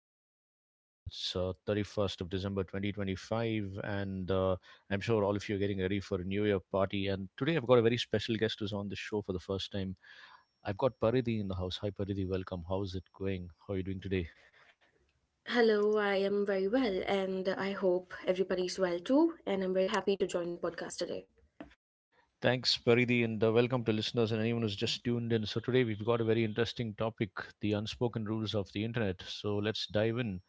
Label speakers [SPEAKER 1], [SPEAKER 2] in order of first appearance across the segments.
[SPEAKER 1] of the year. It's 31st of December 2025, and I'm sure all of you are getting ready for a New Year party. And today I've got a very special guest who's on the show for the first time. I've got Paridhi in the house. Hi Paridhi, welcome. How's it going? How are you doing today?
[SPEAKER 2] Hello, I am very well, and I hope everybody's well too. And I'm very happy to join the podcast today.
[SPEAKER 1] Thanks, Paridhi, and welcome to listeners and anyone who's just tuned in. So, today we've got a very interesting topic: the unspoken rules of the internet. So, let's dive in.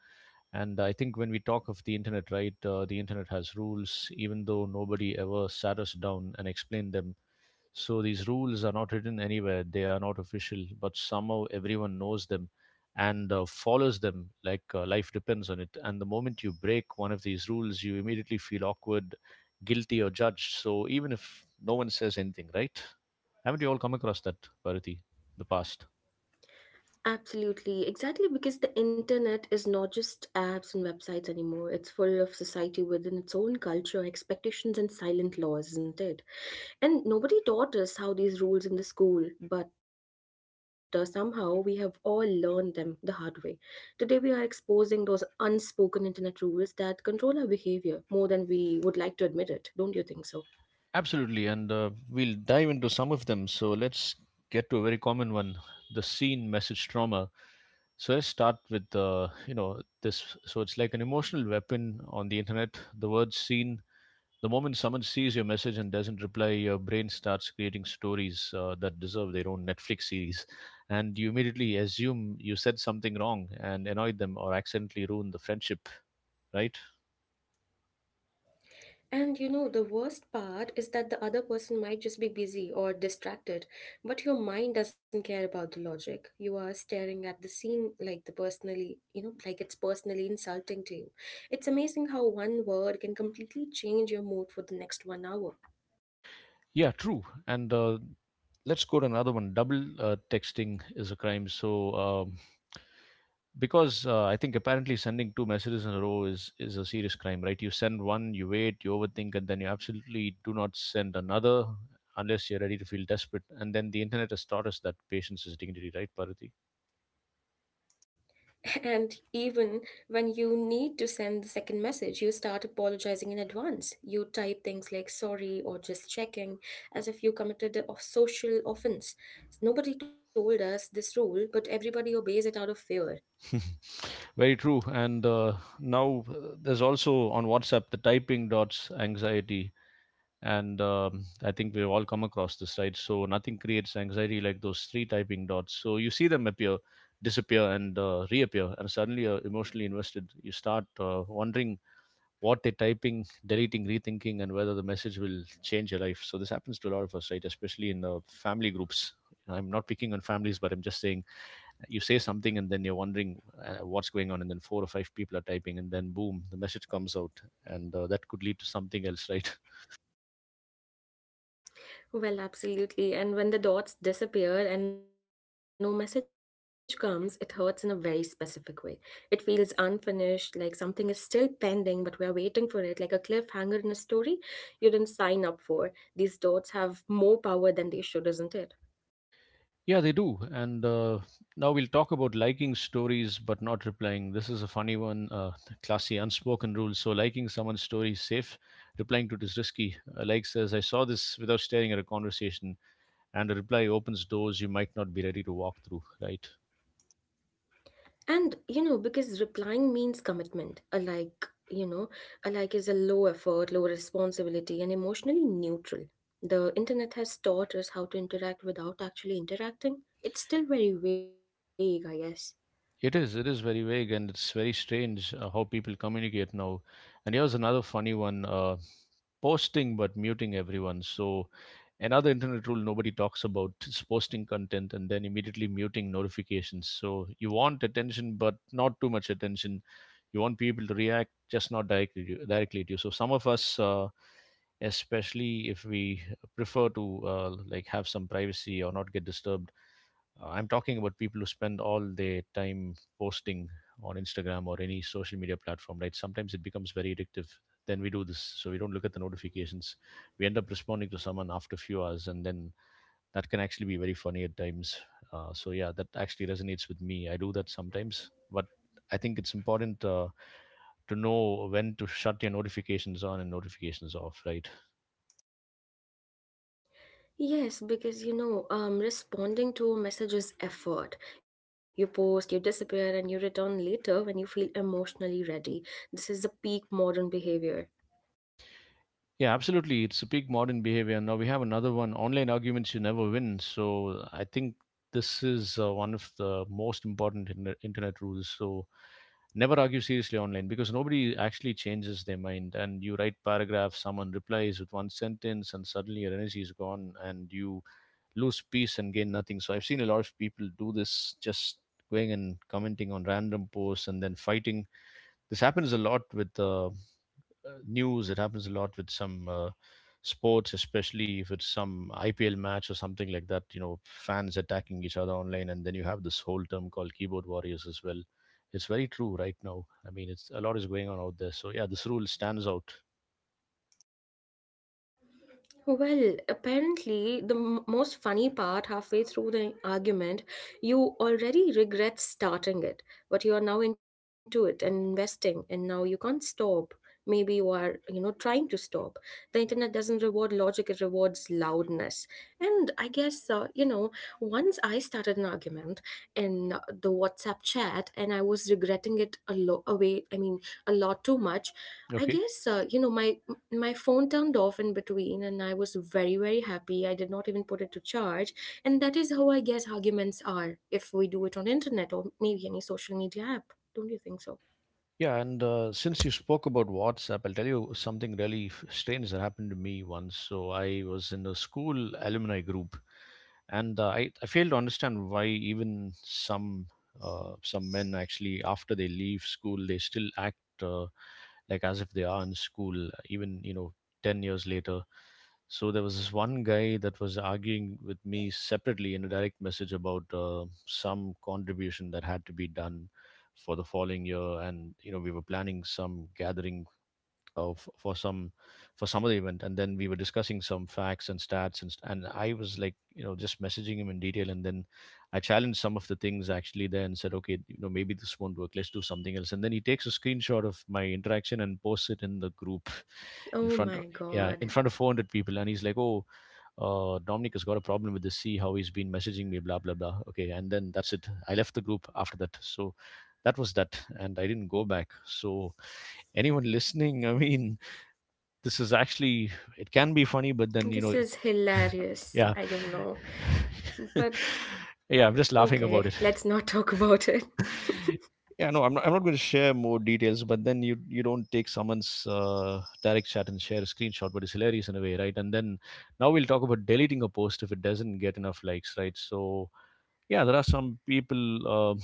[SPEAKER 1] And I think when we talk of the internet, right, the internet has rules, even though nobody ever sat us down and explained them. So these rules are not written anywhere, they are not official, but somehow everyone knows them and follows them like life depends on it. And the moment you break one of these rules, you immediately feel awkward, guilty, or judged. So even if no one says anything, right? Haven't you all come across that, Bharati, in the past?
[SPEAKER 2] Absolutely, exactly because the internet is not just apps and websites anymore. It's full of society within its own culture, expectations, and silent laws, isn't it? And nobody taught us how these rules in the school, but somehow we have all learned them the hard way. Today, we are exposing those unspoken internet rules that control our behavior more than we would like to admit it. Don't you think so?
[SPEAKER 1] Absolutely, and we'll dive into some of them. So let's get to a very common one: the scene message trauma. So let's start with you know this. So it's like an emotional weapon on the internet. The word "scene." The moment someone sees your message and doesn't reply, your brain starts creating stories that deserve their own Netflix series, and you immediately assume you said something wrong and annoyed them or accidentally ruined the friendship. Right?
[SPEAKER 2] And you know, the worst part is that the other person might just be busy or distracted, but your mind doesn't care about the logic. You are staring at the scene like the personally, you know, like it's personally insulting to you. It's amazing how one word can completely change your mood for the next 1 hour.
[SPEAKER 1] Yeah, true. And let's go to another one. Double texting is a crime. So because I think apparently sending two messages in a row is a serious crime, right? You send one, you wait, you overthink, and then you absolutely do not send another unless you're ready to feel desperate. And then the internet has taught us that patience is dignity, right, Parati?
[SPEAKER 2] And even when you need to send the second message, you start apologizing in advance. You type things like sorry or just checking as if you committed a social offense. Nobody told us this rule, but everybody obeys it out of fear.
[SPEAKER 1] Very true. And now There's also on WhatsApp the typing dots anxiety, and I think we've all come across this, right? So nothing creates anxiety like those three typing dots. So you see them appear, disappear, and reappear, and suddenly you're emotionally invested. You start wondering what they're typing, deleting, rethinking, and whether the message will change your life. So this happens to a lot of us, right? Especially in family groups. I'm not picking on families, but I'm just saying, you say something and then you're wondering what's going on, and then four or five people are typing, and then boom, the message comes out, and that could lead to something else. Right?
[SPEAKER 2] Well, absolutely. And when the dots disappear and no message comes, it hurts in a very specific way. It feels unfinished, like something is still pending, but we're waiting for it, like a cliffhanger in a story you didn't sign up for. These dots have more power than they should, isn't it?
[SPEAKER 1] Yeah, they do. And now we'll talk about liking stories but not replying. This is a funny one, classy, unspoken rule. So, liking someone's story is safe, replying to it is risky. A like says, I saw this without staring at a conversation, and a reply opens doors you might not be ready to walk through, right?
[SPEAKER 2] And, you know, because replying means commitment, a like, you know, a like is a low effort, low responsibility, and emotionally neutral. The internet has taught us how to interact without actually interacting. It's still very vague, I guess.
[SPEAKER 1] It is very vague, and it's very strange how people communicate now. And here's another funny one. Posting but muting everyone. So another internet rule nobody talks about is posting content and then immediately muting notifications. So you want attention but not too much attention. You want people to react, just not directly to, directly to you. So some of us. Especially if we prefer to like have some privacy or not get disturbed. I'm talking about people who spend all their time posting on Instagram or any social media platform, right? Sometimes it becomes very addictive. Then we do this, so we don't look at the notifications. We end up responding to someone after a few hours, and then that can actually be very funny at times. So yeah, that actually resonates with me. I do that sometimes, but I think it's important to know when to shut your notifications on and notifications off, right?
[SPEAKER 2] Yes, because you know, responding to a message is effort. You post, you disappear, and you return later when you feel emotionally ready. This is the peak modern behavior.
[SPEAKER 1] Yeah, absolutely. It's a peak modern behavior. Now we have another one: online arguments you never win. So I think this is one of the most important internet rules. So never argue seriously online because nobody actually changes their mind. And you write paragraphs, someone replies with one sentence, and suddenly your energy is gone and you lose peace and gain nothing. So I've seen a lot of people do this, just going and commenting on random posts and then fighting. This happens a lot with news. It happens a lot with some sports, especially if it's some IPL match or something like that. You know, fans attacking each other online, and then you have this whole term called keyboard warriors as well. It's very true right now. I mean, it's a lot is going on out there. So yeah, this rule stands out.
[SPEAKER 2] Well, apparently, most funny part halfway through the argument, you already regret starting it, but you are now into it and investing, and now you can't stop. Maybe you are, you know, trying to stop. The internet doesn't reward logic, it rewards loudness. And I guess, you know, once I started an argument in the WhatsApp chat, and I was regretting it away, I mean, a lot too much. I
[SPEAKER 1] Okay.
[SPEAKER 2] guess, you know, my phone turned off in between, and I was very very happy I did not even put it to charge. And that is how, I guess, arguments are if we do it on internet or maybe any social media app. Don't you think so?
[SPEAKER 1] Yeah, and since you spoke about WhatsApp, I'll tell you something really strange that happened to me once. So I was in a school alumni group, and I fail to understand why even some men actually, after they leave school, they still act like as if they are in school, even, you know, 10 years later. So there was this one guy that was arguing with me separately in a direct message about some contribution that had to be done for the following year, and you know we were planning some gathering of for some other event, and then we were discussing some facts and stats and and I was like, you know, just messaging him in detail, and then I challenged some of the things actually there and said okay, you know, maybe this won't work, let's do something else. And then he takes a screenshot of my interaction and posts it in the group in
[SPEAKER 2] Oh
[SPEAKER 1] front
[SPEAKER 2] my
[SPEAKER 1] of, yeah,
[SPEAKER 2] god,
[SPEAKER 1] in front of 400 people, and he's like, oh, Dominic has got a problem with the See how he's been messaging me, blah, blah, blah. Okay. And then that's it. I left the group after that. So that was that. And I didn't go back. So anyone listening, I mean, this is actually, it can be funny, but then, you
[SPEAKER 2] this
[SPEAKER 1] know,
[SPEAKER 2] is hilarious.
[SPEAKER 1] yeah.
[SPEAKER 2] I don't know, but okay,
[SPEAKER 1] Yeah. I'm just
[SPEAKER 2] let's
[SPEAKER 1] laughing
[SPEAKER 2] not
[SPEAKER 1] about
[SPEAKER 2] talk
[SPEAKER 1] it.
[SPEAKER 2] about it.
[SPEAKER 1] I'm not going to share more details, but then you don't take someone's direct chat and share a screenshot, but it's hilarious in a way, right? And then now we'll talk about deleting a post if it doesn't get enough likes, right? So yeah, there are some people, um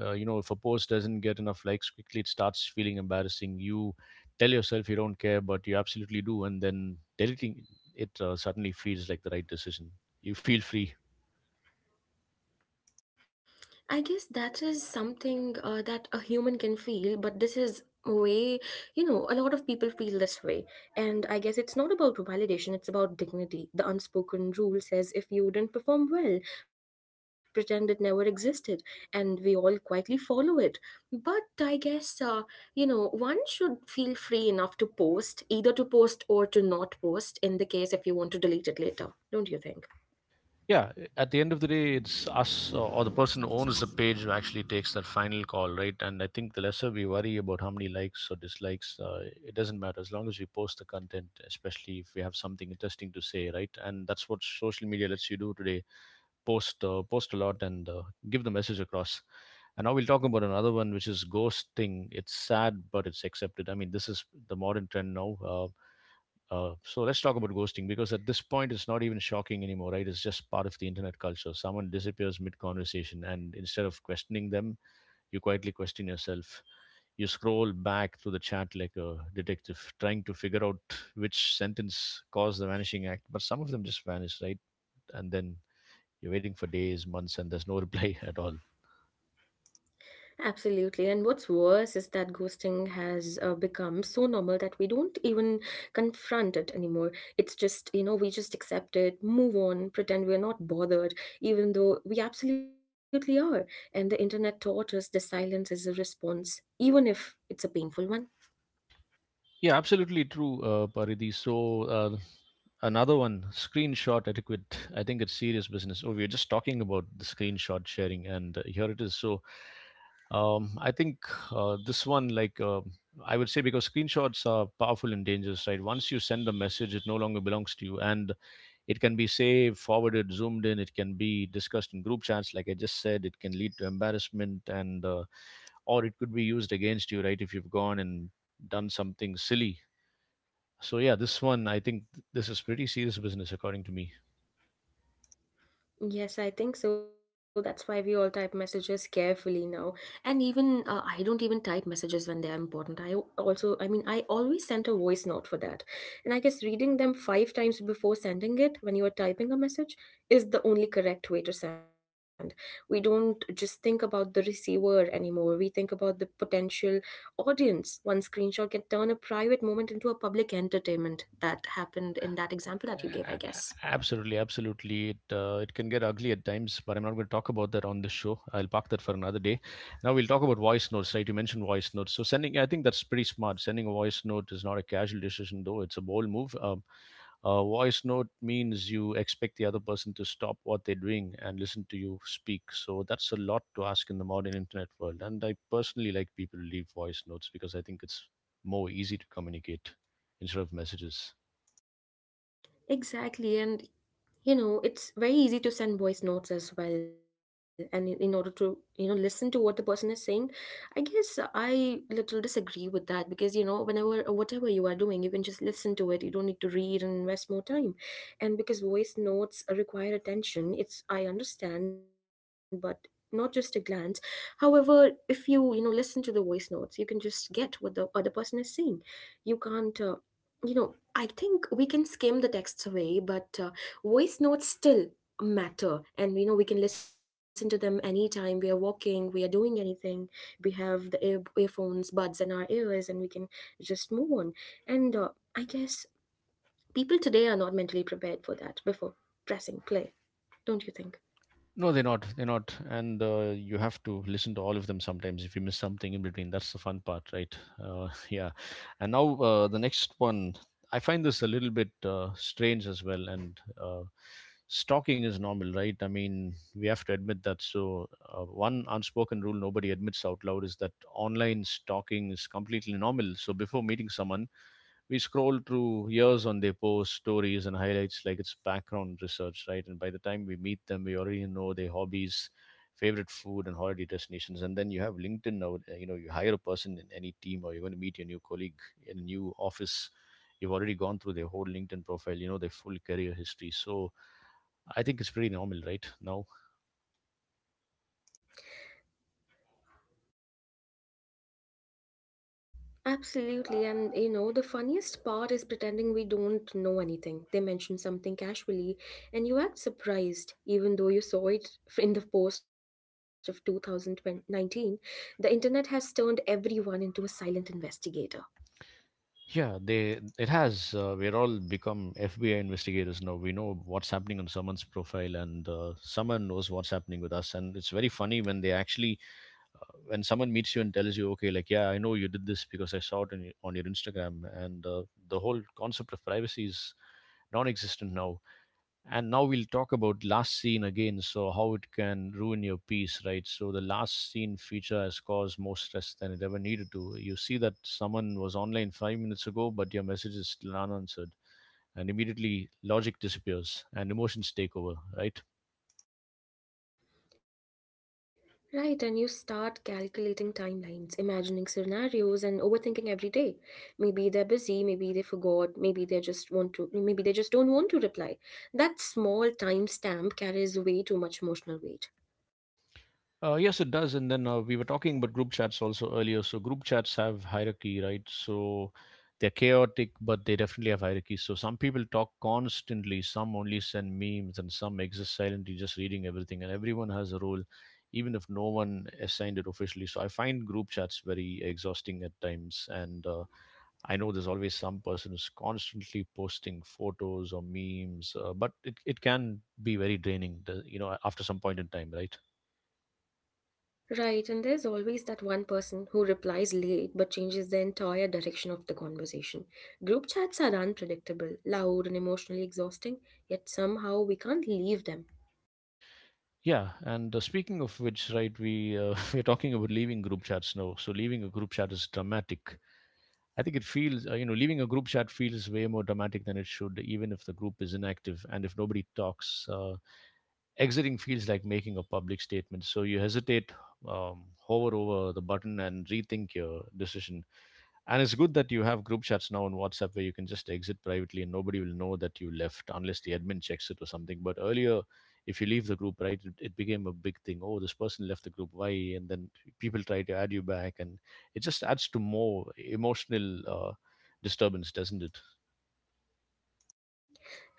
[SPEAKER 1] you know, if a post doesn't get enough likes quickly, it starts feeling embarrassing. You tell yourself you don't care, but you absolutely do, and then deleting it suddenly feels like the right decision. You feel free.
[SPEAKER 2] I guess that is something that a human can feel, but this is way, you know, a lot of people feel this way. And I guess it's not about validation, it's about dignity. The unspoken rule says if you didn't perform well, pretend it never existed, and we all quietly follow it. But I guess, you know, one should feel free enough to post, either to post or to not post, in the case if you want to delete it later. Don't you think?
[SPEAKER 1] Yeah, at the end of the day, it's us or the person who owns the page who actually takes that final call, right? And I think the lesser we worry about how many likes or dislikes, it doesn't matter as long as we post the content, especially if we have something interesting to say, right? And that's what social media lets you do today: post, post a lot, and give the message across. And now we'll talk about another one, which is ghosting. It's sad, but it's accepted. I mean, this is the modern trend now. So let's talk about ghosting because at this point it's not even shocking anymore, right? It's just part of the internet culture. Someone disappears mid conversation, and instead of questioning them, you quietly question yourself. You scroll back through the chat like a detective, trying to figure out which sentence caused the vanishing act, but some of them just vanish, right? And then you're waiting for days, months, and there's no reply at all.
[SPEAKER 2] Absolutely. And what's worse is that ghosting has become so normal that we don't even confront it anymore. It's just, you know, we just accept it, move on, pretend we're not bothered, even though we absolutely are. And the internet taught us the silence is a response, even if it's a painful one.
[SPEAKER 1] Yeah, absolutely true, Paridhi. So, another one, screenshot etiquette. I think it's serious business. Oh, we were just talking about the screenshot sharing, and here it is. So, I think this one, like, I would say, because screenshots are powerful and dangerous, right? Once you send a message, it no longer belongs to you. And it can be saved, forwarded, zoomed in. It can be discussed in group chats, like I just said. It can lead to embarrassment, and or it could be used against you, right? If you've gone and done something silly. So yeah, this one I think this is pretty serious business according to me.
[SPEAKER 2] Yes, I think so. That's why we all type messages carefully now. And even I don't even type messages when they are important. Also, I mean, I always send a voice note for that. And I guess reading them five times before sending it when you are typing a message is the only correct way to send. We don't just think about the receiver anymore. We think about the potential audience. One screenshot can turn a private moment into a public entertainment. That happened in that example
[SPEAKER 1] A-
[SPEAKER 2] that
[SPEAKER 1] a-
[SPEAKER 2] you gave, I guess.
[SPEAKER 1] Absolutely, absolutely. It it can get ugly at times, but I'm not going to talk about that on this show. I'll park that for another day. Now we'll talk about voice notes. Right, you mentioned voice notes. So sending, I think that's pretty smart. Sending a voice note is not a casual decision, though. It's a bold move. A voice note means you expect the other person to stop what they're doing and listen to you speak. So that's a lot to ask in the modern internet world. And I personally like people to leave voice notes because I think it's more easy to communicate instead of messages.
[SPEAKER 2] Exactly, and you know it's very easy to send voice notes as well, and in order to, you know, listen to what the person is saying. I guess I little disagree with that because, you know, whenever whatever you are doing, you can just listen to it, you don't need to read and invest more time. And because voice notes require attention, it's, I understand, but not just a glance. However, if you, you know, listen to the voice notes, you can just get what the other person is saying. You can't you know, I think we can skim the texts away, but voice notes still matter. And you know, we can listen to them anytime. We are walking, we are doing anything, we have the earphones buds in our ears, and we can just move on. And I guess people today are not mentally prepared for that before pressing play. Don't you think?
[SPEAKER 1] No, they're not. They're not. And you have to listen to all of them sometimes if you miss something in between. That's the fun part, right? Yeah. And now the next one. I find this a little bit strange as well. And stalking is normal, right? I mean, we have to admit that. So, one unspoken rule nobody admits out loud is that online stalking is completely normal. So, before meeting someone, we scroll through years on their posts, stories, and highlights like it's background research, right? And by the time we meet them, we already know their hobbies, favorite food, and holiday destinations. And then you have LinkedIn now, you know, you hire a person in any team or you're going to meet your new colleague in a new office. You've already gone through their whole LinkedIn profile, you know, their full career history. So I think it's pretty normal, right? Now.
[SPEAKER 2] Absolutely, and you know, the funniest part is pretending we don't know anything. They mention something casually, and you act surprised, even though you saw it in the post of 2019. The internet has turned everyone into a silent investigator.
[SPEAKER 1] Yeah, they it has. We're all become FBI investigators now. We know what's happening on someone's profile, and someone knows what's happening with us. And it's very funny when they actually, when someone meets you and tells you, "Okay, like yeah, I know you did this because I saw it on your Instagram," and the whole concept of privacy is non-existent now. And now we'll talk about last scene again. So how it can ruin your peace, right? So the last scene feature has caused more stress than it ever needed to. You see that someone was online 5 minutes ago but your message is still unanswered, and immediately logic disappears and emotions take over, right?
[SPEAKER 2] Right, and you start calculating timelines, imagining scenarios, and overthinking every day. Maybe they're busy, maybe they forgot, maybe they just want to, maybe they just don't want to reply. That small timestamp carries way too much emotional weight.
[SPEAKER 1] Yes, it does. And then we were talking about group chats also earlier. So group chats have hierarchy, right? So they're chaotic, but they definitely have hierarchy. So some people talk constantly, some only send memes, and some exist silently, just reading everything. And everyone has a role, even if no one assigned it officially. So I find group chats very exhausting at times. And I know there's always some person who's constantly posting photos or memes, but it can be very draining, you know, after some point in time, right?
[SPEAKER 2] Right, and there's always that one person who replies late but changes the entire direction of the conversation. Group chats are unpredictable, loud, and emotionally exhausting, yet somehow we can't leave them.
[SPEAKER 1] Yeah, and speaking of which, right, we we're talking about leaving group chats now. So leaving a group chat is dramatic. I think it feels, you know, leaving a group chat feels way more dramatic than it should, even if the group is inactive and if nobody talks. Exiting feels like making a public statement. So you hesitate, hover over the button, and rethink your decision. And it's good that you have group chats now on WhatsApp where you can just exit privately and nobody will know that you left unless the admin checks it or something. But earlier, if you leave the group, right, it became a big thing. Oh, this person left the group. Why? And then people try to add you back. And it just adds to more emotional disturbance, doesn't it?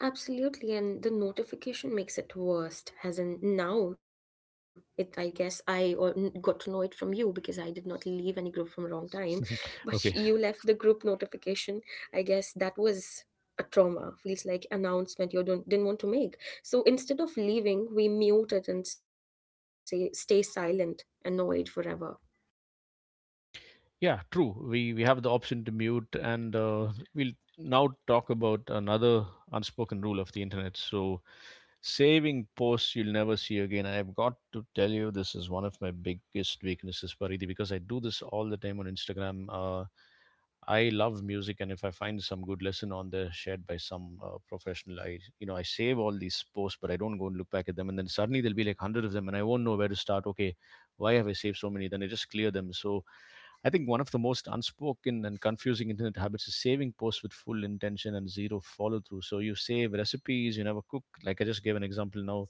[SPEAKER 2] Absolutely, and the notification makes it worst. As in now, it I guess got to know it from you because I did not leave any group from wrong time, but you
[SPEAKER 1] Okay.
[SPEAKER 2] left the group notification. I guess that was a trauma. Feels like announcement you don't didn't want to make. So instead of leaving, we mute it and say stay silent, annoyed forever.
[SPEAKER 1] Yeah, true. We have the option to mute, and we'll now talk about another unspoken rule of the internet. So, saving posts you'll never see again. I've got to tell you, this is one of my biggest weaknesses, Paridi, because I do this all the time on Instagram. I love music, and if I find some good lesson on there shared by some professional, I I save all these posts, but I don't go and look back at them, and then suddenly there'll be like hundred of them, and I won't know where to start. Okay, why have I saved so many? Then I just clear them. So I think one of the most unspoken and confusing internet habits is saving posts with full intention and zero follow through. So you save recipes you never cook. Like I just gave an example now,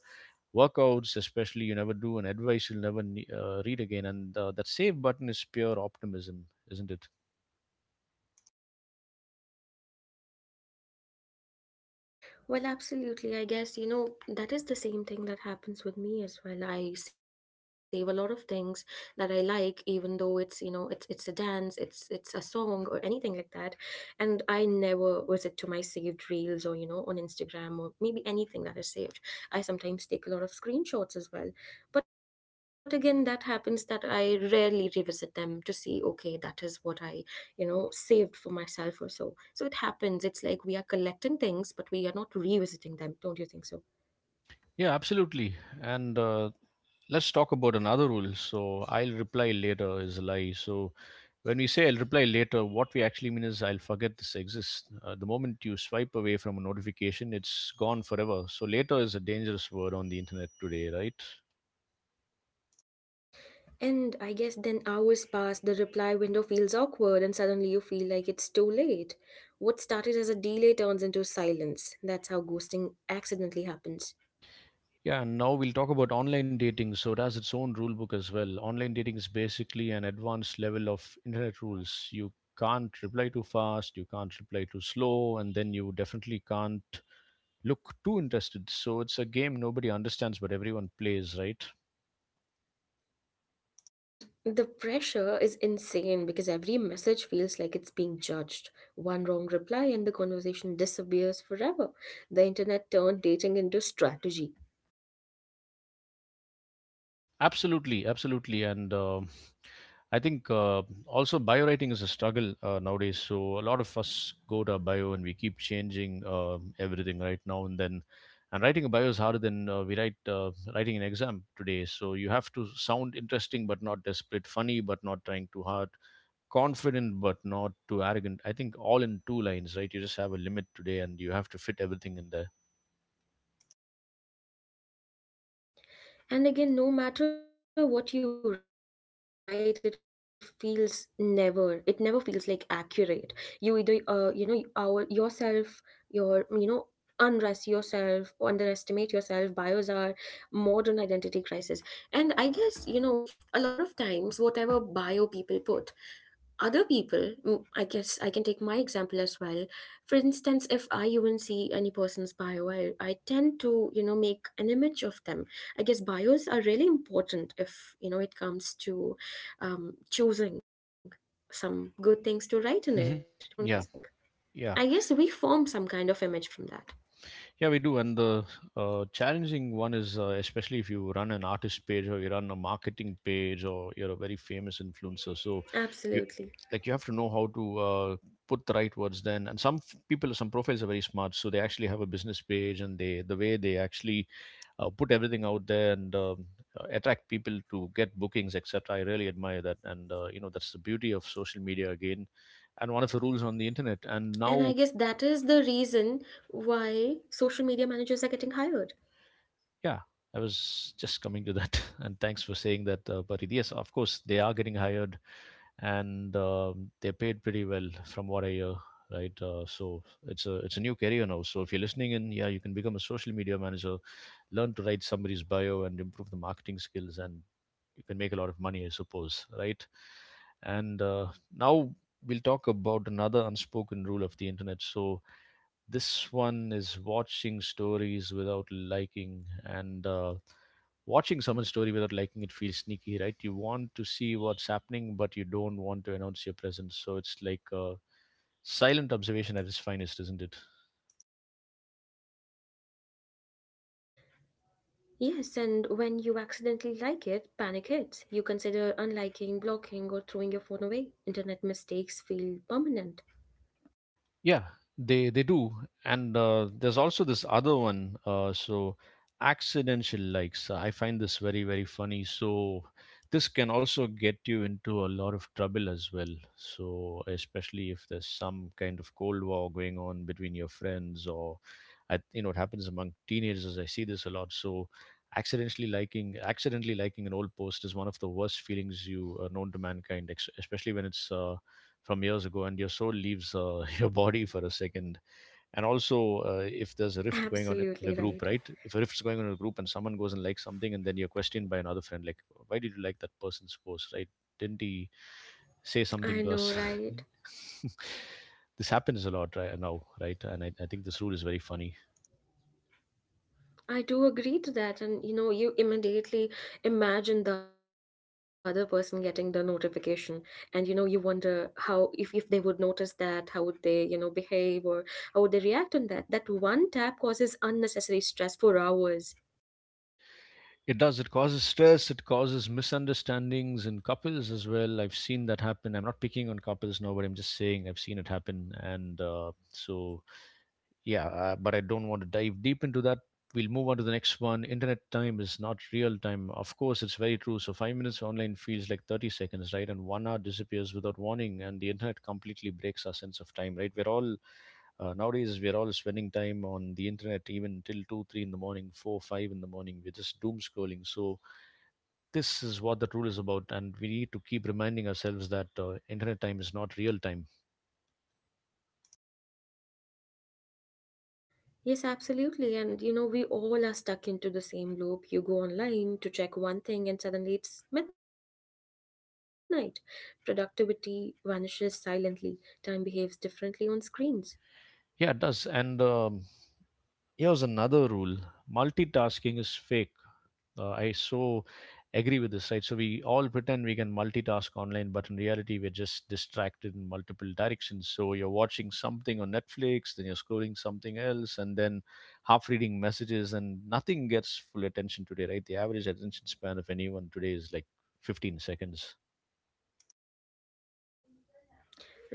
[SPEAKER 1] workouts especially you never do, and advice you'll never read again. And that save button is pure optimism, isn't it?
[SPEAKER 2] Well, absolutely. I guess, you know, that is the same thing that happens with me as well. I save a lot of things that I like, even though it's, you know, it's a dance, it's a song or anything like that. And I never visit to my saved reels or, you know, on Instagram or maybe anything that is saved. I sometimes take a lot of screenshots as well. But again, that happens that I rarely revisit them to see, okay, that is what I, you know, saved for myself. Or so, so it happens. It's like we are collecting things but we are not revisiting them. Don't you think so?
[SPEAKER 1] Yeah, absolutely. And let's talk about another rule. So I'll reply later is a lie. So when we say I'll reply later, what we actually mean is I'll forget this exists. The moment you swipe away from a notification, it's gone forever. So later is a dangerous word on the internet today, right?
[SPEAKER 2] And I guess then hours pass, the reply window feels awkward, and suddenly you feel like it's too late. What started as a delay turns into silence. That's how ghosting accidentally happens.
[SPEAKER 1] Yeah, and now we'll talk about online dating. So it has its own rule book as well. Online dating is basically an advanced level of internet rules. You can't reply too fast, you can't reply too slow, and then you definitely can't look too interested. So it's a game nobody understands, but everyone plays, right?
[SPEAKER 2] And the pressure is insane because every message feels like it's being judged. One wrong reply and the conversation disappears forever. The internet turned dating into strategy.
[SPEAKER 1] Absolutely, absolutely, and I think also biowriting is a struggle nowadays. So a lot of us go to our bio and we keep changing everything right now and then. And writing a bio is harder than we write writing an exam today. So you have to sound interesting but not desperate, funny but not trying too hard, confident but not too arrogant. I think all in two lines, right? You just have a limit today, and you have to fit everything in there.
[SPEAKER 2] And again, no matter what you write, it feels, never, it never feels like accurate. You either you know, our yourself, your, you know, unrest yourself, underestimate yourself. Bios are modern identity crisis. And I guess, you know, a lot of times whatever bio people put, other people, I guess I can take my example as well. For instance, if I even see any person's bio, I tend to, you know, make an image of them. I guess bios are really important if, you know, it comes to choosing some good things to write in
[SPEAKER 1] Hmm.
[SPEAKER 2] it. Don't you think?
[SPEAKER 1] Yeah,
[SPEAKER 2] I guess we form some kind of image from that.
[SPEAKER 1] yeah, we do. And the challenging one is, especially if you run an artist page or you run a marketing page or you're a very famous influencer. So you like you
[SPEAKER 2] Absolutely.
[SPEAKER 1] have to know how to put the right words then. And some people, some profiles are very smart, so they actually have a business page and the way they actually put everything out there and attract people to get bookings, etc. I really admire that, and you know that's the beauty of social media again, and one of the rules on the internet. And
[SPEAKER 2] And I
[SPEAKER 1] now.
[SPEAKER 2] guess that is the reason why social media managers are getting hired.
[SPEAKER 1] Yeah, I was just coming to that, and thanks for saying that, Parit. Yes, of course they are getting hired, and they're paid pretty well from what I hear, right? So it's a new career now. So if you're listening in, yeah, you can become a social media manager, learn to write somebody's bio, and improve the marketing skills, and you can make a lot of money, I suppose, right? And now we'll talk about another unspoken rule of the internet. So this one is watching stories without liking, and watching someone's story without liking it feels sneaky, right? You want to see what's happening, but you don't want to announce your presence. So it's like a silent observation at its finest, isn't it?
[SPEAKER 2] Yes, and when you accidentally like it, panic hits. You consider unliking, blocking, or throwing your phone away. Internet mistakes feel permanent.
[SPEAKER 1] Yeah, they do, and there's also this other one. So accidental likes. I find this very very funny. So this can also get you into a lot of trouble as well. So especially if there's some kind of cold war going on between your friends, or I, you know it happens among teenagers. I see this a lot. So accidentally liking an old post is one of the worst feelings you are known to mankind especially when it's from years ago and your soul leaves your body for a second. And also if there's a rift going on
[SPEAKER 2] Absolutely
[SPEAKER 1] in a
[SPEAKER 2] right.
[SPEAKER 1] group, right? If a rift's going on in a group and someone goes and likes something and then you're questioned by another friend, like, why did you like that person's post, right? Didn't he say
[SPEAKER 2] I
[SPEAKER 1] something to
[SPEAKER 2] know,
[SPEAKER 1] us?
[SPEAKER 2] right?
[SPEAKER 1] This happens a lot right now, right? And I think this rule is very funny.
[SPEAKER 2] I do agree to that. And you know, you immediately imagine the other person getting the notification. And you know, you wonder how, if they would notice that, how would they, you know, behave, or how would they react on that? That one tap causes unnecessary stress for hours.
[SPEAKER 1] It does, it causes stress, it causes misunderstandings in couples as well. I've seen that happen. I'm not picking on couples now, but I'm just saying I've seen it happen. And so yeah, but I don't want to dive deep into that. We'll move on to the next one. Internet time is not real time. Of course, it's very true. So, 5 minutes online feels like 30 seconds, right? And 1 hour disappears without warning, and the internet completely breaks our sense of time, right? We're all Nowadays we're all spending time on the internet even till 2 3 in the morning, 4 5 in the morning. We're just doom scrolling, so this is what the rule is about, and we need to keep reminding ourselves that internet time is not real time.
[SPEAKER 2] Yes, absolutely. And you know, we all are stuck into the same loop. You go online to check one thing, and suddenly it's midnight. Productivity vanishes silently. Time behaves differently on screens.
[SPEAKER 1] Yeah, it does. And Here's another rule: multitasking is fake. I so agree with this, right? So we all pretend we can multitask online, but in reality, we're just distracted in multiple directions. So you're watching something on Netflix, then you're scrolling something else, and then half reading messages, and nothing gets full attention today, right? The average attention span of anyone today is like 15 seconds.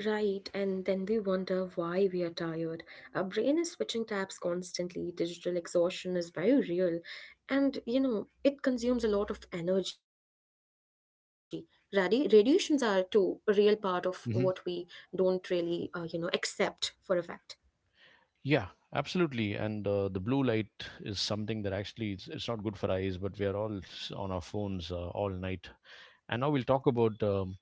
[SPEAKER 2] Right, and then we wonder why we are tired. Our brain is switching tabs constantly. Digital exhaustion is very real. And you know, it consumes a lot of energy. Radiations are too a real part of what we don't
[SPEAKER 1] Mhm.
[SPEAKER 2] really, you know, accept for a fact.
[SPEAKER 1] Yeah, absolutely. And the blue light is something that actually it's not good for eyes, but we are all on our phones all night. And now we'll talk about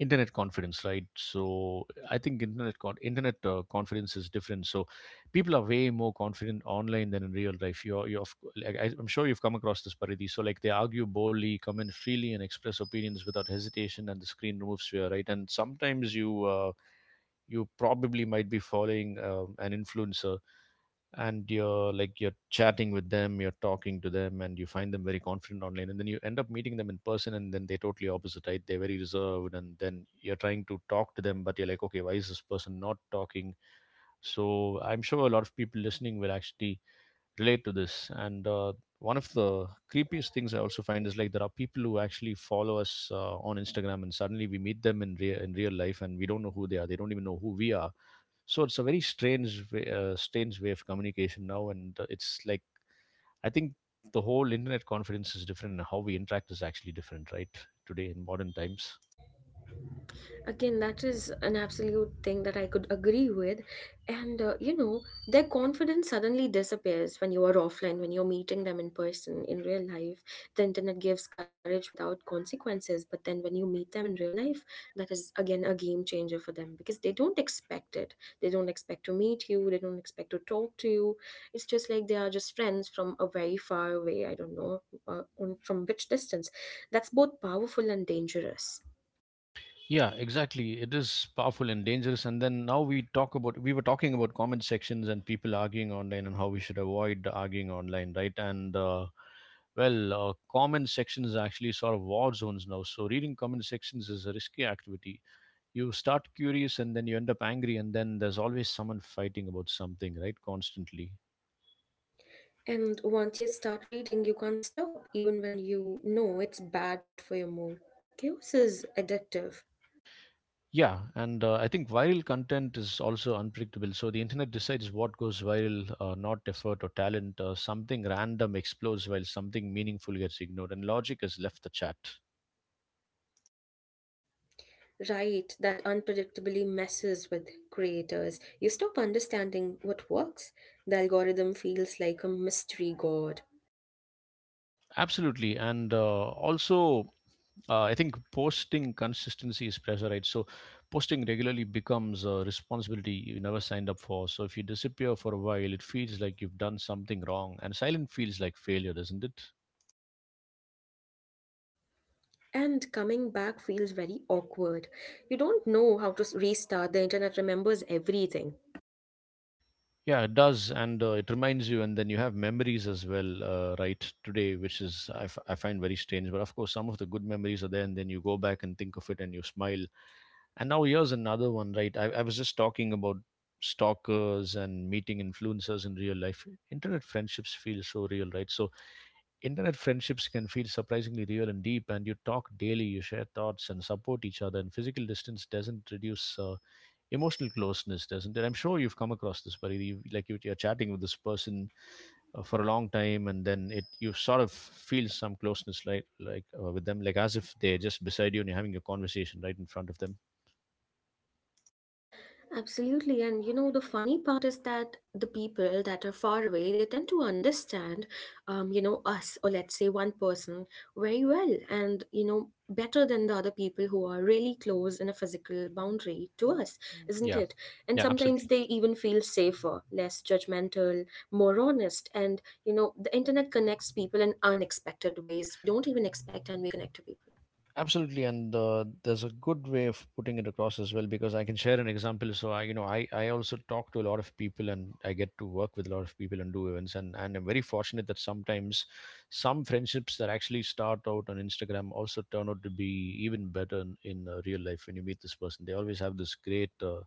[SPEAKER 1] internet confidence, right? So I think internet confidence is different. So people are way more confident online than in real life. You're like, I'm sure you've come across this, Paridi. So like they argue boldly, comment freely, and express opinions without hesitation, and the screen removes fear, right? And sometimes you probably might be following an influencer, and you're like, you're chatting with them, you're talking to them, and you find them very confident online, and then you end up meeting them in person, and then they're totally opposite, right? They're very reserved, and then you're trying to talk to them, but you're like, okay, why is this person not talking? So I'm sure a lot of people listening will actually relate to this. And One of the creepiest things I also find is like there are people who actually follow us on Instagram, and suddenly we meet them in real, in real life, and we don't know who they are. They don't even know who we are. So it's a very strange way of communication now, and it's like I think the whole internet confidence is different, and how we interact is actually different, right? Today in modern times.
[SPEAKER 2] Again, that is an absolute thing that I could agree with. And their confidence suddenly disappears when you are offline, when you're meeting them in person, in real life. The internet gives courage without consequences. But then when you meet them in real life, that is, again, a game changer for them because they don't expect it. They don't expect to meet you. They don't expect to talk to you. It's just like they are just friends from a very far away, I don't know, from which distance. That's both powerful and dangerous.
[SPEAKER 1] Yeah, exactly. It is powerful and dangerous. And then now we talk about, we were talking about comment sections and people arguing online, and how we should avoid arguing online, right? Comment sections are actually sort of war zones now. So reading comment sections is a risky activity. You start curious and then you end up angry, and then there's always someone fighting about something, right, constantly.
[SPEAKER 2] And once you start reading, you can't stop, even when you know it's bad for your mood. Chaos is addictive,
[SPEAKER 1] Yeah. and I think viral content is also unpredictable, so the internet decides what goes viral, not effort or talent. Something random explodes while something meaningful gets ignored, and logic has left the chat.
[SPEAKER 2] right? That unpredictably messes with creators. You stop understanding what works. The algorithm feels like a mystery god.
[SPEAKER 1] Absolutely. And also I think posting consistency is pressure, right? So posting regularly becomes a responsibility you never signed up for. So if you disappear for a while, it feels like you've done something wrong, and silent feels like failure, doesn't it?
[SPEAKER 2] And coming back feels very awkward. You don't know how to restart. The internet remembers everything.
[SPEAKER 1] Yeah, it does. And It reminds you, and then you have memories as well, right? Today, which is I find very strange, but of course, some of the good memories are there, and then you go back and think of it, and you smile. And now here's another one, right? I was just talking about stalkers and meeting influencers in real life. Internet friendships feel so real, right? So internet friendships can feel surprisingly real and deep, and you talk daily, you share thoughts and support each other. And physical distance doesn't reduce emotional closeness, doesn't it? I'm sure you've come across this, but you're chatting with this person for a long time, and then it, you sort of feel some closeness, like with them, like as if they're just beside you and you're having a conversation right in front of them.
[SPEAKER 2] Absolutely. And you know, the funny part is that the people that are far away, they tend to understand, you know, us, or let's say one person very well and, you know, better than the other people who are really close in a physical boundary to us, isn't
[SPEAKER 1] Yeah.
[SPEAKER 2] it? And
[SPEAKER 1] Yeah,
[SPEAKER 2] sometimes
[SPEAKER 1] absolutely.
[SPEAKER 2] they even feel safer, less judgmental, more honest. And, you know, the internet connects people in unexpected ways. We don't even expect and we connect to people.
[SPEAKER 1] Absolutely. And There's a good way of putting it across as well, because I can share an example. So I, you know, I also talk to a lot of people and I get to work with a lot of people and do events, and I'm very fortunate that sometimes some friendships that actually start out on Instagram also turn out to be even better in real life. When you meet this person, they always have this great uh,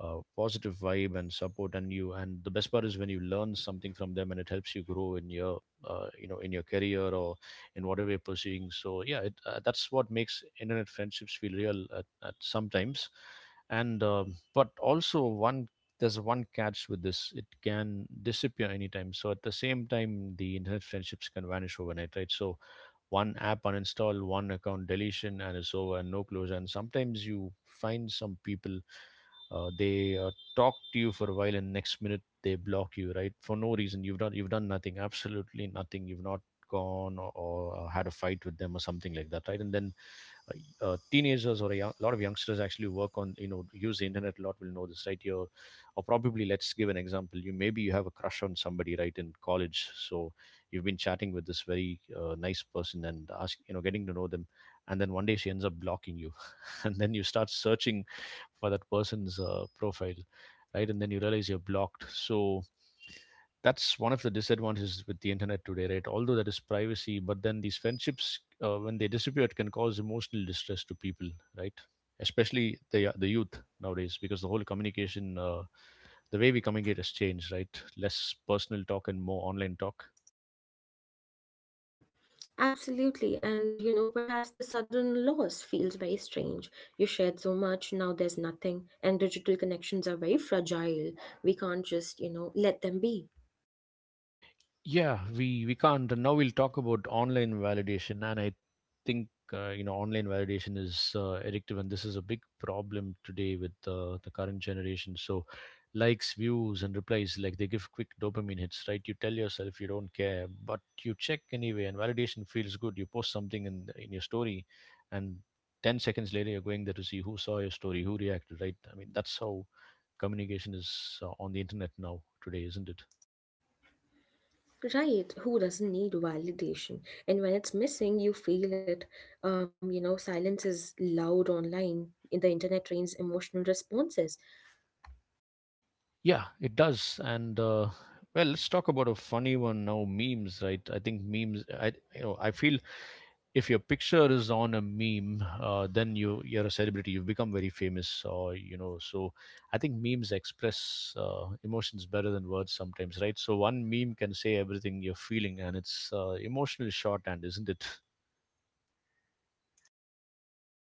[SPEAKER 1] uh, positive vibe and support, and you, and the best part is when you learn something from them and it helps you grow in your, you know, in your career or in whatever you're pursuing. So yeah, that's what makes internet friendships feel real at sometimes. And But also, one there's one catch with this: it can disappear anytime. So at the same time the internet friendships can vanish overnight, right? So one app uninstall, one account deletion, and it's over, and no closure. And sometimes you find some people, they talk to you for a while, and next minute they block you, right, for no reason. You've done nothing, absolutely nothing. You've not gone or had a fight with them or something like that, right? and then Teenagers or a young, lot of youngsters actually work on, you know, use the internet a lot, will know this, right? You're, or probably, let's give an example. You maybe you have a crush on somebody, right, in college. So you've been chatting with this very nice person and ask, you know, getting to know them, and then one day she ends up blocking you, and then you start searching for that person's profile, right, and then you realize you're blocked. So that's one of the disadvantages with the internet today, right? Although that is privacy, but then these friendships, when they disappear, it can cause emotional distress to people, right, especially the youth nowadays, because the whole communication, the way we communicate has changed, right? Less personal talk and more online talk.
[SPEAKER 2] Absolutely, and you know, perhaps the sudden loss feels very strange. You shared so much, now there's nothing, and digital connections are very fragile. We can't just, you know, let them be.
[SPEAKER 1] Yeah, we can't. Now we'll talk about online validation, and I think, you know, online validation is addictive, and this is a big problem today with the current generation. So likes, views, and replies, like, they give quick dopamine hits, right? You tell yourself you don't care, but you check anyway, and validation feels good. You post something in your story, and 10 seconds later you're going there to see who saw your story, who reacted, right? I mean, that's how communication is on the internet now today, isn't it?
[SPEAKER 2] Right, who doesn't need validation? And when it's missing, you feel it. You know, silence is loud online. The internet trains emotional responses.
[SPEAKER 1] Yeah, it does. Let's talk about a funny one now. Memes, right? I think memes. I, you know, I feel if your picture is on a meme, then you, you're a celebrity. You've become very famous, or you know. So I think memes express emotions better than words sometimes, right? So one meme can say everything you're feeling, and it's emotionally shorthand, isn't it?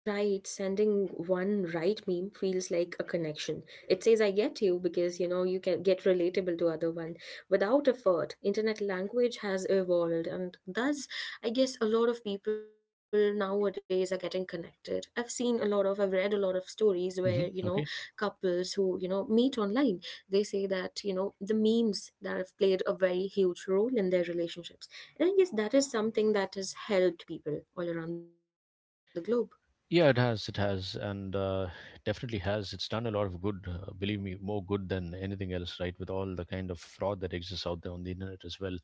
[SPEAKER 2] Right, sending one right meme feels like a connection. It says I get you because you know you can get relatable to other one without effort. Internet language has evolved, and thus I guess a lot of people nowadays are getting connected. I've read a lot of stories where, you know,
[SPEAKER 1] Hmm. Okay.
[SPEAKER 2] couples who, you know, meet online, they say that, you know, the memes that have played a very huge role in their relationships. And I guess that is something that has helped people all around the globe.
[SPEAKER 1] Yeah, it has. It has. And Definitely has. It's done a lot of good. Believe me, more good than anything else. Right, with all the kind of fraud that exists out there on the internet as well.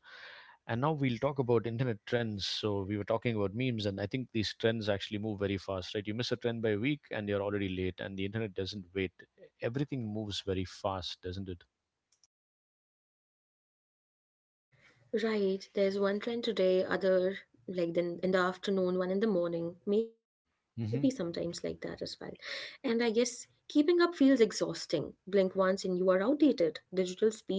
[SPEAKER 1] And now we'll talk about internet trends. So we were talking about memes, and I think these trends actually move very fast. Right, you miss a trend by a week, and you're already late. And the internet doesn't wait. Everything moves very fast, doesn't it?
[SPEAKER 2] Right, there's one trend today, other like then in the afternoon, one in the morning, maybe sometimes like that
[SPEAKER 1] Mhm.
[SPEAKER 2] as well. And I guess keeping up feels exhausting. Blink once and you are outdated. Digital speed is brutal.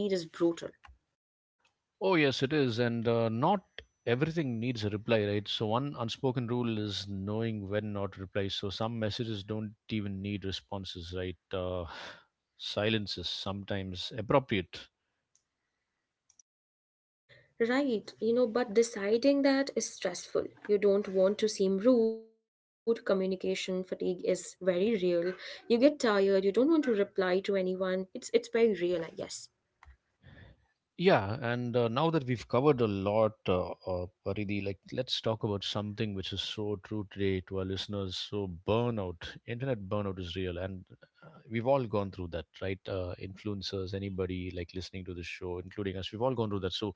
[SPEAKER 1] Oh, yes, it is. And Not everything needs a reply, right? So one unspoken rule is knowing when not to reply. So some messages don't even need responses, right? Silence is sometimes appropriate.
[SPEAKER 2] Right, you know, but deciding that is stressful. You don't want to seem rude. Communication fatigue is very real. You get tired, you don't want to reply to anyone. It's very real, I guess.
[SPEAKER 1] Yeah. and Now that we've covered a lot, Paridhi, like, let's talk about something which is so true today to our listeners. So burnout, internet burnout is real, and we've all gone through that, right? Influencers, anybody like listening to this show, including us, we've all gone through that. So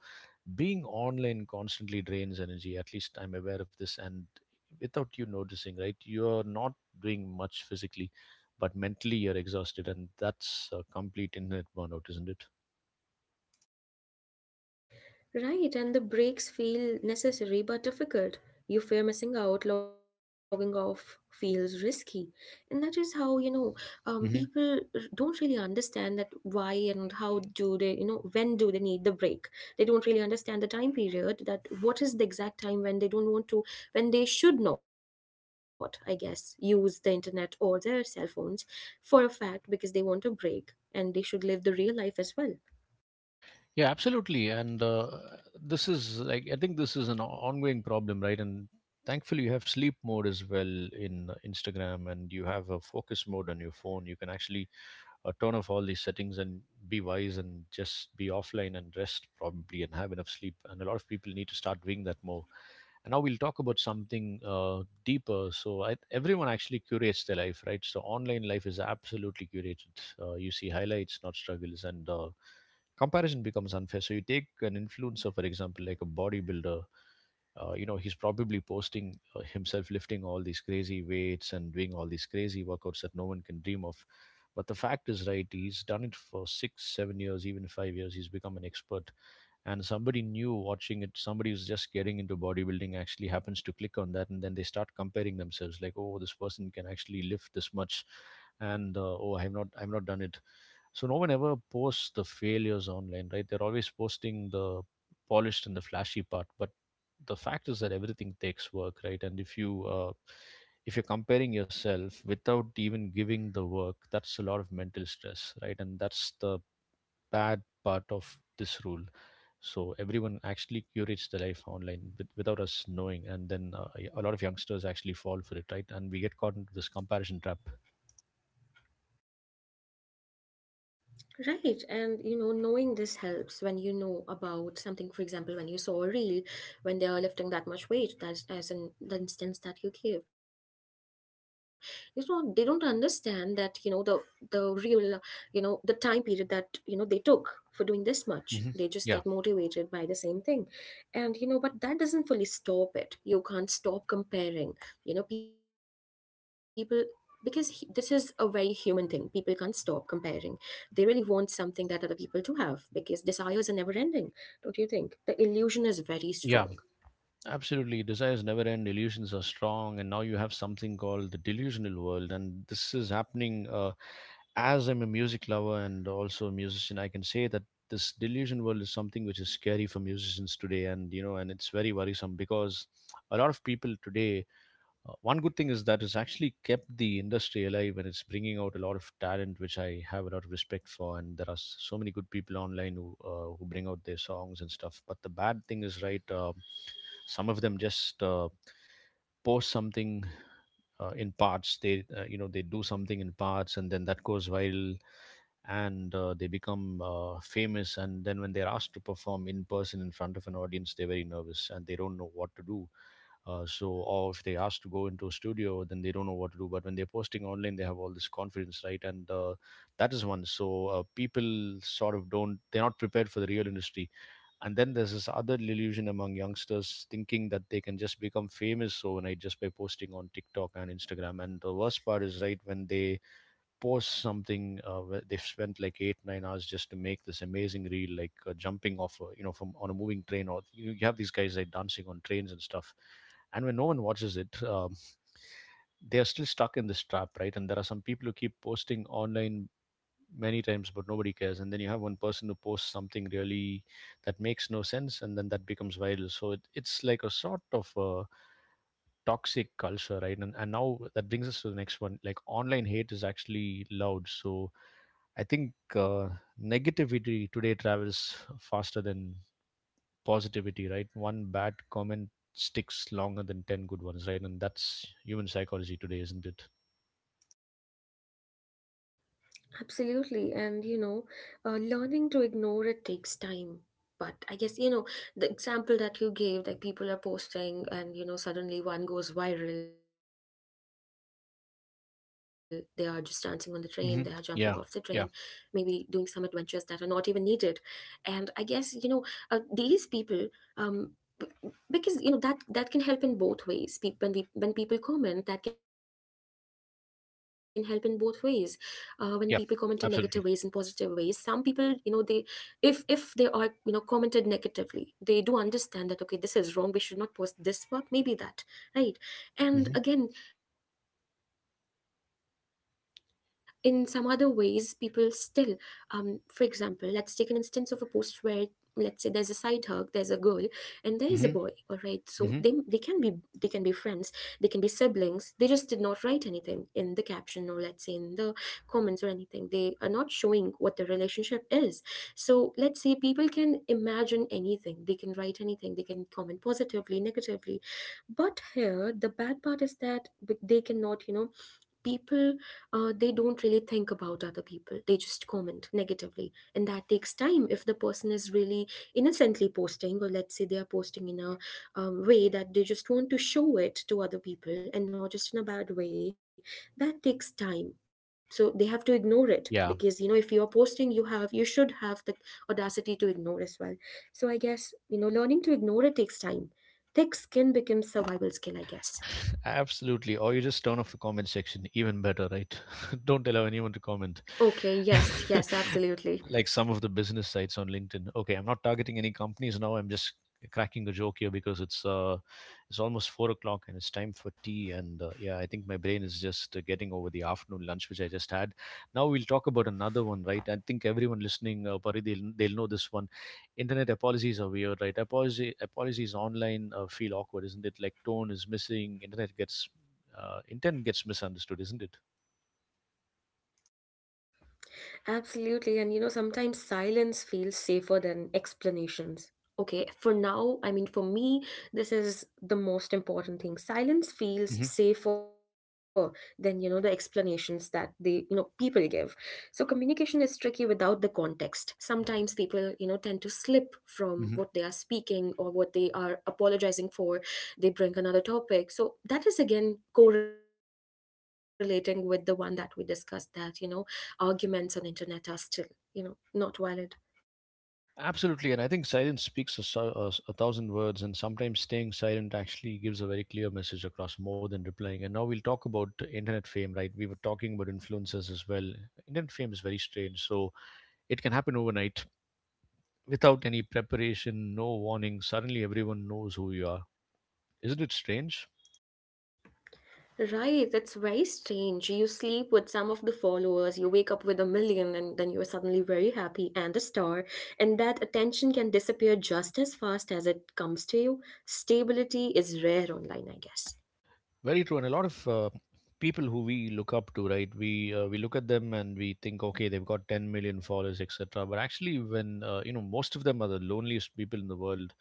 [SPEAKER 1] being online constantly drains energy. At least I'm aware of this, and without you noticing, right? You're not doing much physically, but mentally you're exhausted, and that's a complete internet burnout, isn't it?
[SPEAKER 2] Right, and the breaks feel necessary but difficult. You fear missing out, logging off feels risky. And that is how, you know, people don't really understand that why and how do they, you know, when do they need the break. They don't really understand the time period that what is the exact time when they don't want to, when they should not, I guess, use the internet or their cell phones for a fact because they want a break and they should live the real life as well.
[SPEAKER 1] Yeah, absolutely. And This is like, I think this is an ongoing problem, right? And thankfully, you have sleep mode as well in Instagram, and you have a focus mode on your phone. You can actually turn off all these settings and be wise and just be offline and rest probably and have enough sleep. And a lot of people need to start doing that more. And now we'll talk about something deeper. So I, everyone actually curates their life, right? So online life is absolutely curated. You see highlights, not struggles, and comparison becomes unfair. So you take an influencer, for example, like a bodybuilder. You know, he's probably posting, himself lifting all these crazy weights and doing all these crazy workouts that no one can dream of. But the fact is, right, he's done it for 6 7 years, even 5 years. He's become an expert. And somebody new watching it, somebody who's just getting into bodybuilding, actually happens to click on that, and then they start comparing themselves, like, oh, this person can actually lift this much. And oh, I am not done it. So no one ever posts the failures online, right? They're always posting the polished and the flashy part, but the fact is that everything takes work, right? And if you're comparing yourself without even giving the work, that's a lot of mental stress, right? And that's the bad part of this rule. So everyone actually curates their life online without us knowing, and then a lot of youngsters actually fall for it, right? And we get caught into this comparison trap.
[SPEAKER 2] Right, and you know, knowing this helps when you know about something. For example, when you saw a reel, when they are lifting that much weight, that's as in the instance that you gave, you know, they don't understand that you know the real, you know, the time period that you know they took for doing this much. They just get
[SPEAKER 1] Hmm. Yeah,
[SPEAKER 2] motivated by the same thing, and you know, but that doesn't fully stop it. You can't stop comparing. You know, people because this is a very human thing, people can't stop comparing. They really want something that other people do have because desires are never ending. Don't you think? The illusion is very strong.
[SPEAKER 1] yeah. Absolutely. Desires never end, illusions are strong, and now you have something called the delusional world. And this is happening, as I'm a music lover and also a musician. I can say that this delusion world is something which is scary for musicians today, and it's very worrisome because a lot of people today, one good thing is that it's actually kept the industry alive and it's bringing out a lot of talent, which I have a lot of respect for. And there are so many good people online who bring out their songs and stuff. But the bad thing is, right, some of them just, post something, in parts. They do something in parts, and then that goes viral, and they become, famous. And then when they're asked to perform in person in front of an audience, they're very nervous and they don't know what to do, so, or if they ask to go into a studio, then they don't know what to do. But when they're posting online, they have all this confidence, right? And that is one. So, people sort of don't, they're not prepared for the real industry. And then there's this other illusion among youngsters thinking that they can just become famous overnight just by posting on TikTok and Instagram. And the worst part is, right, when they post something, where they've spent like 8 9 hours just to make this amazing reel, like jumping off a, from on a moving train, or you have these guys like dancing on trains and stuff. And when no one watches it, they are still stuck in this trap, right? And there are some people who keep posting online many times but nobody cares, and then you have one person who posts something really that makes no sense, and then that becomes viral. So it's like a sort of a toxic culture, right? And now that brings us to the next one, like online hate is actually loud. So I think, negativity today travels faster than positivity, right? One bad comment sticks longer than 10 good ones, right? And that's human psychology today, isn't it?
[SPEAKER 2] Absolutely. And, you know, learning to ignore it takes time. But I guess, you know, the example that you gave, like people are posting and, you know, suddenly one goes viral. They are just dancing on the train, they are jumping off the train, maybe doing some
[SPEAKER 1] Hmm.
[SPEAKER 2] adventures
[SPEAKER 1] Yeah,
[SPEAKER 2] that are not
[SPEAKER 1] yeah,
[SPEAKER 2] even needed. And I guess, you know, these people, um, b- because you know that that can help in both ways. When we when people comment, that can help in both ways. When people comment in negative ways and positive ways, some
[SPEAKER 1] yeah.
[SPEAKER 2] people, you know,
[SPEAKER 1] Absolutely.
[SPEAKER 2] they, if they are, you know, commented negatively, they do understand that okay, this is wrong, we should not post this work maybe, that right. And again,
[SPEAKER 1] Hmm.
[SPEAKER 2] in some other ways people still, for example, let's take an instance of a post where let's say there's a side hug, there's a girl and there is a boy. All right, so they
[SPEAKER 1] Hmm.
[SPEAKER 2] can be, they can be
[SPEAKER 1] Hmm.
[SPEAKER 2] friends, they can be siblings. They just did not write anything in the caption, or let's say in the comments or anything. They are not showing what the relationship is. So let's say people can imagine anything. They can write anything. They can comment positively, negatively. But here, the bad part is that they cannot, you know, people, they don't really think about other people, they just comment negatively, and that takes time. If the person is really innocently posting, or let's say they are posting in a way that they just want to show it to other people and not just in a bad way, that takes time. So they have to ignore it, because you know, if you are
[SPEAKER 1] Yeah.
[SPEAKER 2] posting, you should have the audacity to ignore as well. So I guess, you know, learning to ignore it takes time. Thick skin becomes survival skill, I guess.
[SPEAKER 1] Absolutely, or you just turn off the comment section, even better, right? Don't allow anyone to comment.
[SPEAKER 2] Okay, yes, yes, absolutely.
[SPEAKER 1] Like some of the business sites on LinkedIn. Okay, I'm not targeting any companies now. I'm just cracking a joke here because it's almost 4 o'clock and it's time for tea. And yeah, I think my brain is just, getting over the afternoon lunch which I just had. Now we'll talk about another one, right? I think everyone listening, Pari, they'll know this one. Internet apologies are weird, right? Apologies online, feel awkward, isn't it? Like tone is missing. Internet gets uh, intent gets misunderstood, isn't
[SPEAKER 2] Absolutely. And you know, sometimes silence feels safer than explanations. Okay, for now, I mean, for me, this is the most important thing. Silence feels
[SPEAKER 1] it?
[SPEAKER 2] safer than, you know, the explanations that they, you know, people give. So communication is tricky without the context. Sometimes people, you know, tend to slip from what they are
[SPEAKER 1] Hmm.
[SPEAKER 2] speaking or what they are apologizing for. They bring another topic. So that is again correlating with the one that we discussed, that, you know, arguments on internet are still, you know, not valid.
[SPEAKER 1] Absolutely, and I think silence speaks a, so- a s- a thousand words, and sometimes staying silent actually gives a very clear message across more than replying. And now we'll talk about internet fame, right? We were talking about influencers as well. Internet fame is very strange, so it can happen overnight without any preparation, no warning. Suddenly, everyone knows who you are. Isn't it strange?
[SPEAKER 2] Right, that's very strange. You sleep with some of the followers, you wake up with a million, and then you're suddenly very happy and a star. And that attention can disappear just as fast as it comes to you. Stability is rare online, I guess.
[SPEAKER 1] Very true, and a lot of, people who we look up to, right? We look at them and we think, okay, they've got 10 million followers, etc. But actually, when most of them are the loneliest people in the world,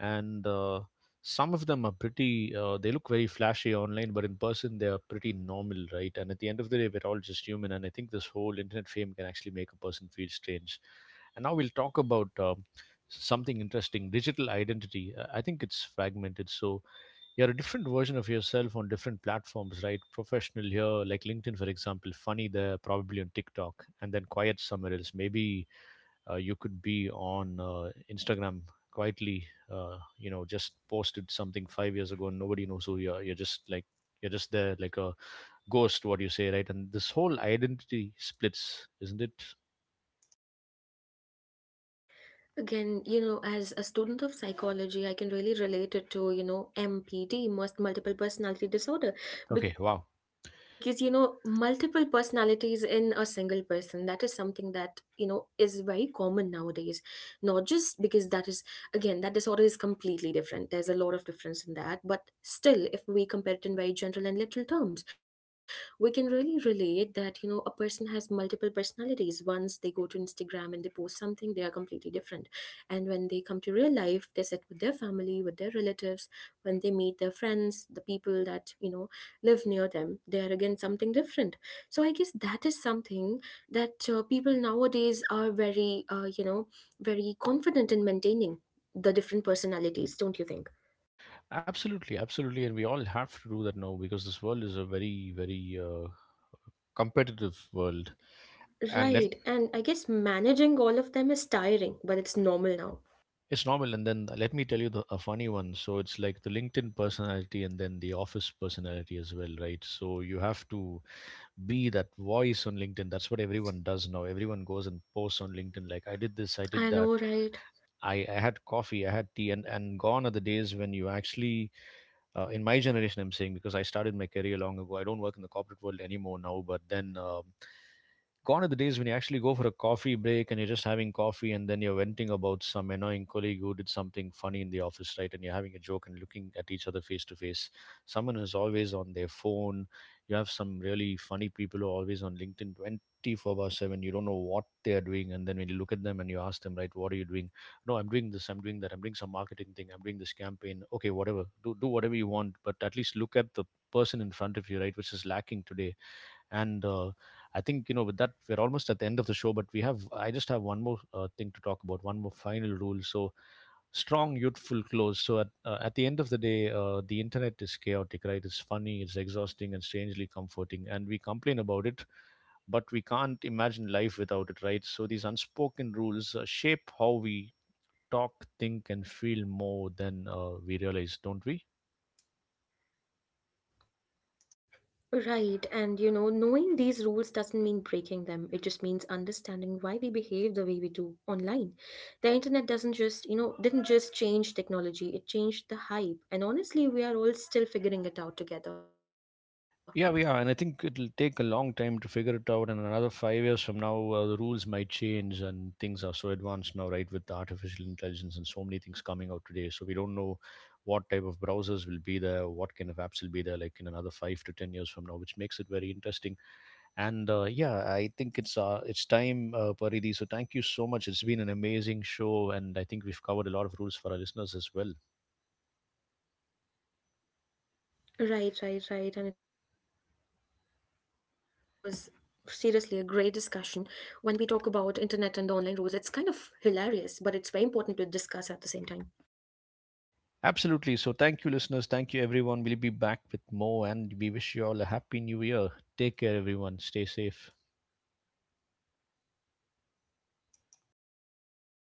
[SPEAKER 1] and some of them are pretty. They look very flashy online, but in person, they are pretty normal, right? And at the end of the day, we're all just human, and I think this whole internet fame can actually make a person feel strange. And now we'll talk about, something interesting. Digital identity. I think it's fragmented, so you're a different version of yourself on different platforms, right? Professional here, like LinkedIn, for example, funny there, probably on TikTok, and then quiet somewhere else. Maybe you could be on Instagram quietly, just posted something 5 years ago and nobody knows who you are. You're just like, you're just there like a ghost, what you say, right? And this whole identity splits, isn't it?
[SPEAKER 2] Again, you know, as a student of psychology, I can really relate it to, you know, MPD, most multiple personality disorder,
[SPEAKER 1] Okay, wow.
[SPEAKER 2] because, you know, multiple personalities in a single person, that is something that, you know, is very common nowadays. Not just because that is, again, that disorder is completely different. There's a lot of difference in that. But still, if we compare it in very general and literal terms, we can really relate that, you know, a person has multiple personalities. Once they go to Instagram and they post something, they are completely different, and when they come to real life, they sit with their family, with their relatives, when they meet their friends, the people that, you know, live near them, they are again something different. So I guess that is something that people nowadays are very, you know, very confident in maintaining the different personalities, don't you think?
[SPEAKER 1] Absolutely, absolutely. And we all have to do that now because this world is a very, very, competitive world, and
[SPEAKER 2] Right. And I guess managing all of them is tiring, but it's normal now.
[SPEAKER 1] it's normal. And then let me tell you the, a funny one. So it's like the LinkedIn personality and then the office personality as well, right? So you have to be that voice on LinkedIn. That's what everyone does now. Everyone goes and posts on LinkedIn, like, I did this, I did
[SPEAKER 2] I
[SPEAKER 1] that.
[SPEAKER 2] know, right?
[SPEAKER 1] I had coffee, I had tea, and gone are the days when you actually, in my generation, I'm saying, because I started my career long ago, I don't work in the corporate world anymore now, but then. Gone are the days when you actually go for a coffee break and you're just having coffee, and then you're venting about some annoying colleague who did something funny in the office, right? And you're having a joke and looking at each other face to face. Someone is always on their phone. You have some really funny people who are always on LinkedIn 24 by 7. You don't know what they are doing. And then when you look at them and you ask them, right, what are you doing? No, I'm doing this, I'm doing that, I'm doing some marketing thing, I'm doing this campaign. Okay, whatever. Do whatever you want, but at least look at the person in front of you, right, which is lacking today. And I think, with that we're almost at the end of the show. But we have I just have one more, thing to talk about, one more final rule. So, strong youthful clothes. So, at the end of the day, the internet is chaotic, right? It's funny, it's exhausting, and strangely comforting, and we complain about it, but we can't imagine life without it, right? So these unspoken rules, shape how we talk, think, and feel more than, we realize, don't we?
[SPEAKER 2] Right, and you know, knowing these rules doesn't mean breaking them. It just means understanding why we behave the way we do online. The internet doesn't just, you know, didn't just change technology, it changed the hype. And honestly, we are all still figuring it out together.
[SPEAKER 1] Yeah, we are, and I think it'll take a long time to figure it out. And another 5 years from now, the rules might change, and things are so advanced now, right? With the artificial intelligence and so many things coming out today, so we don't know what type of browsers will be there, what kind of apps will be there, like in another 5 to 10 years from now, which makes it very interesting. And yeah, I think it's time, Paridhi. So thank you so much. It's been an amazing show, and I think we've covered a lot of rules for our listeners as well.
[SPEAKER 2] Right, right, right. And it was seriously a great discussion. When we talk about internet and the online rules, it's kind of hilarious, but it's very important to discuss at the same time.
[SPEAKER 1] Absolutely. So, thank you, listeners. Thank you, everyone. We'll be back with more, and we wish you all a happy new year. Take care, everyone. Stay safe.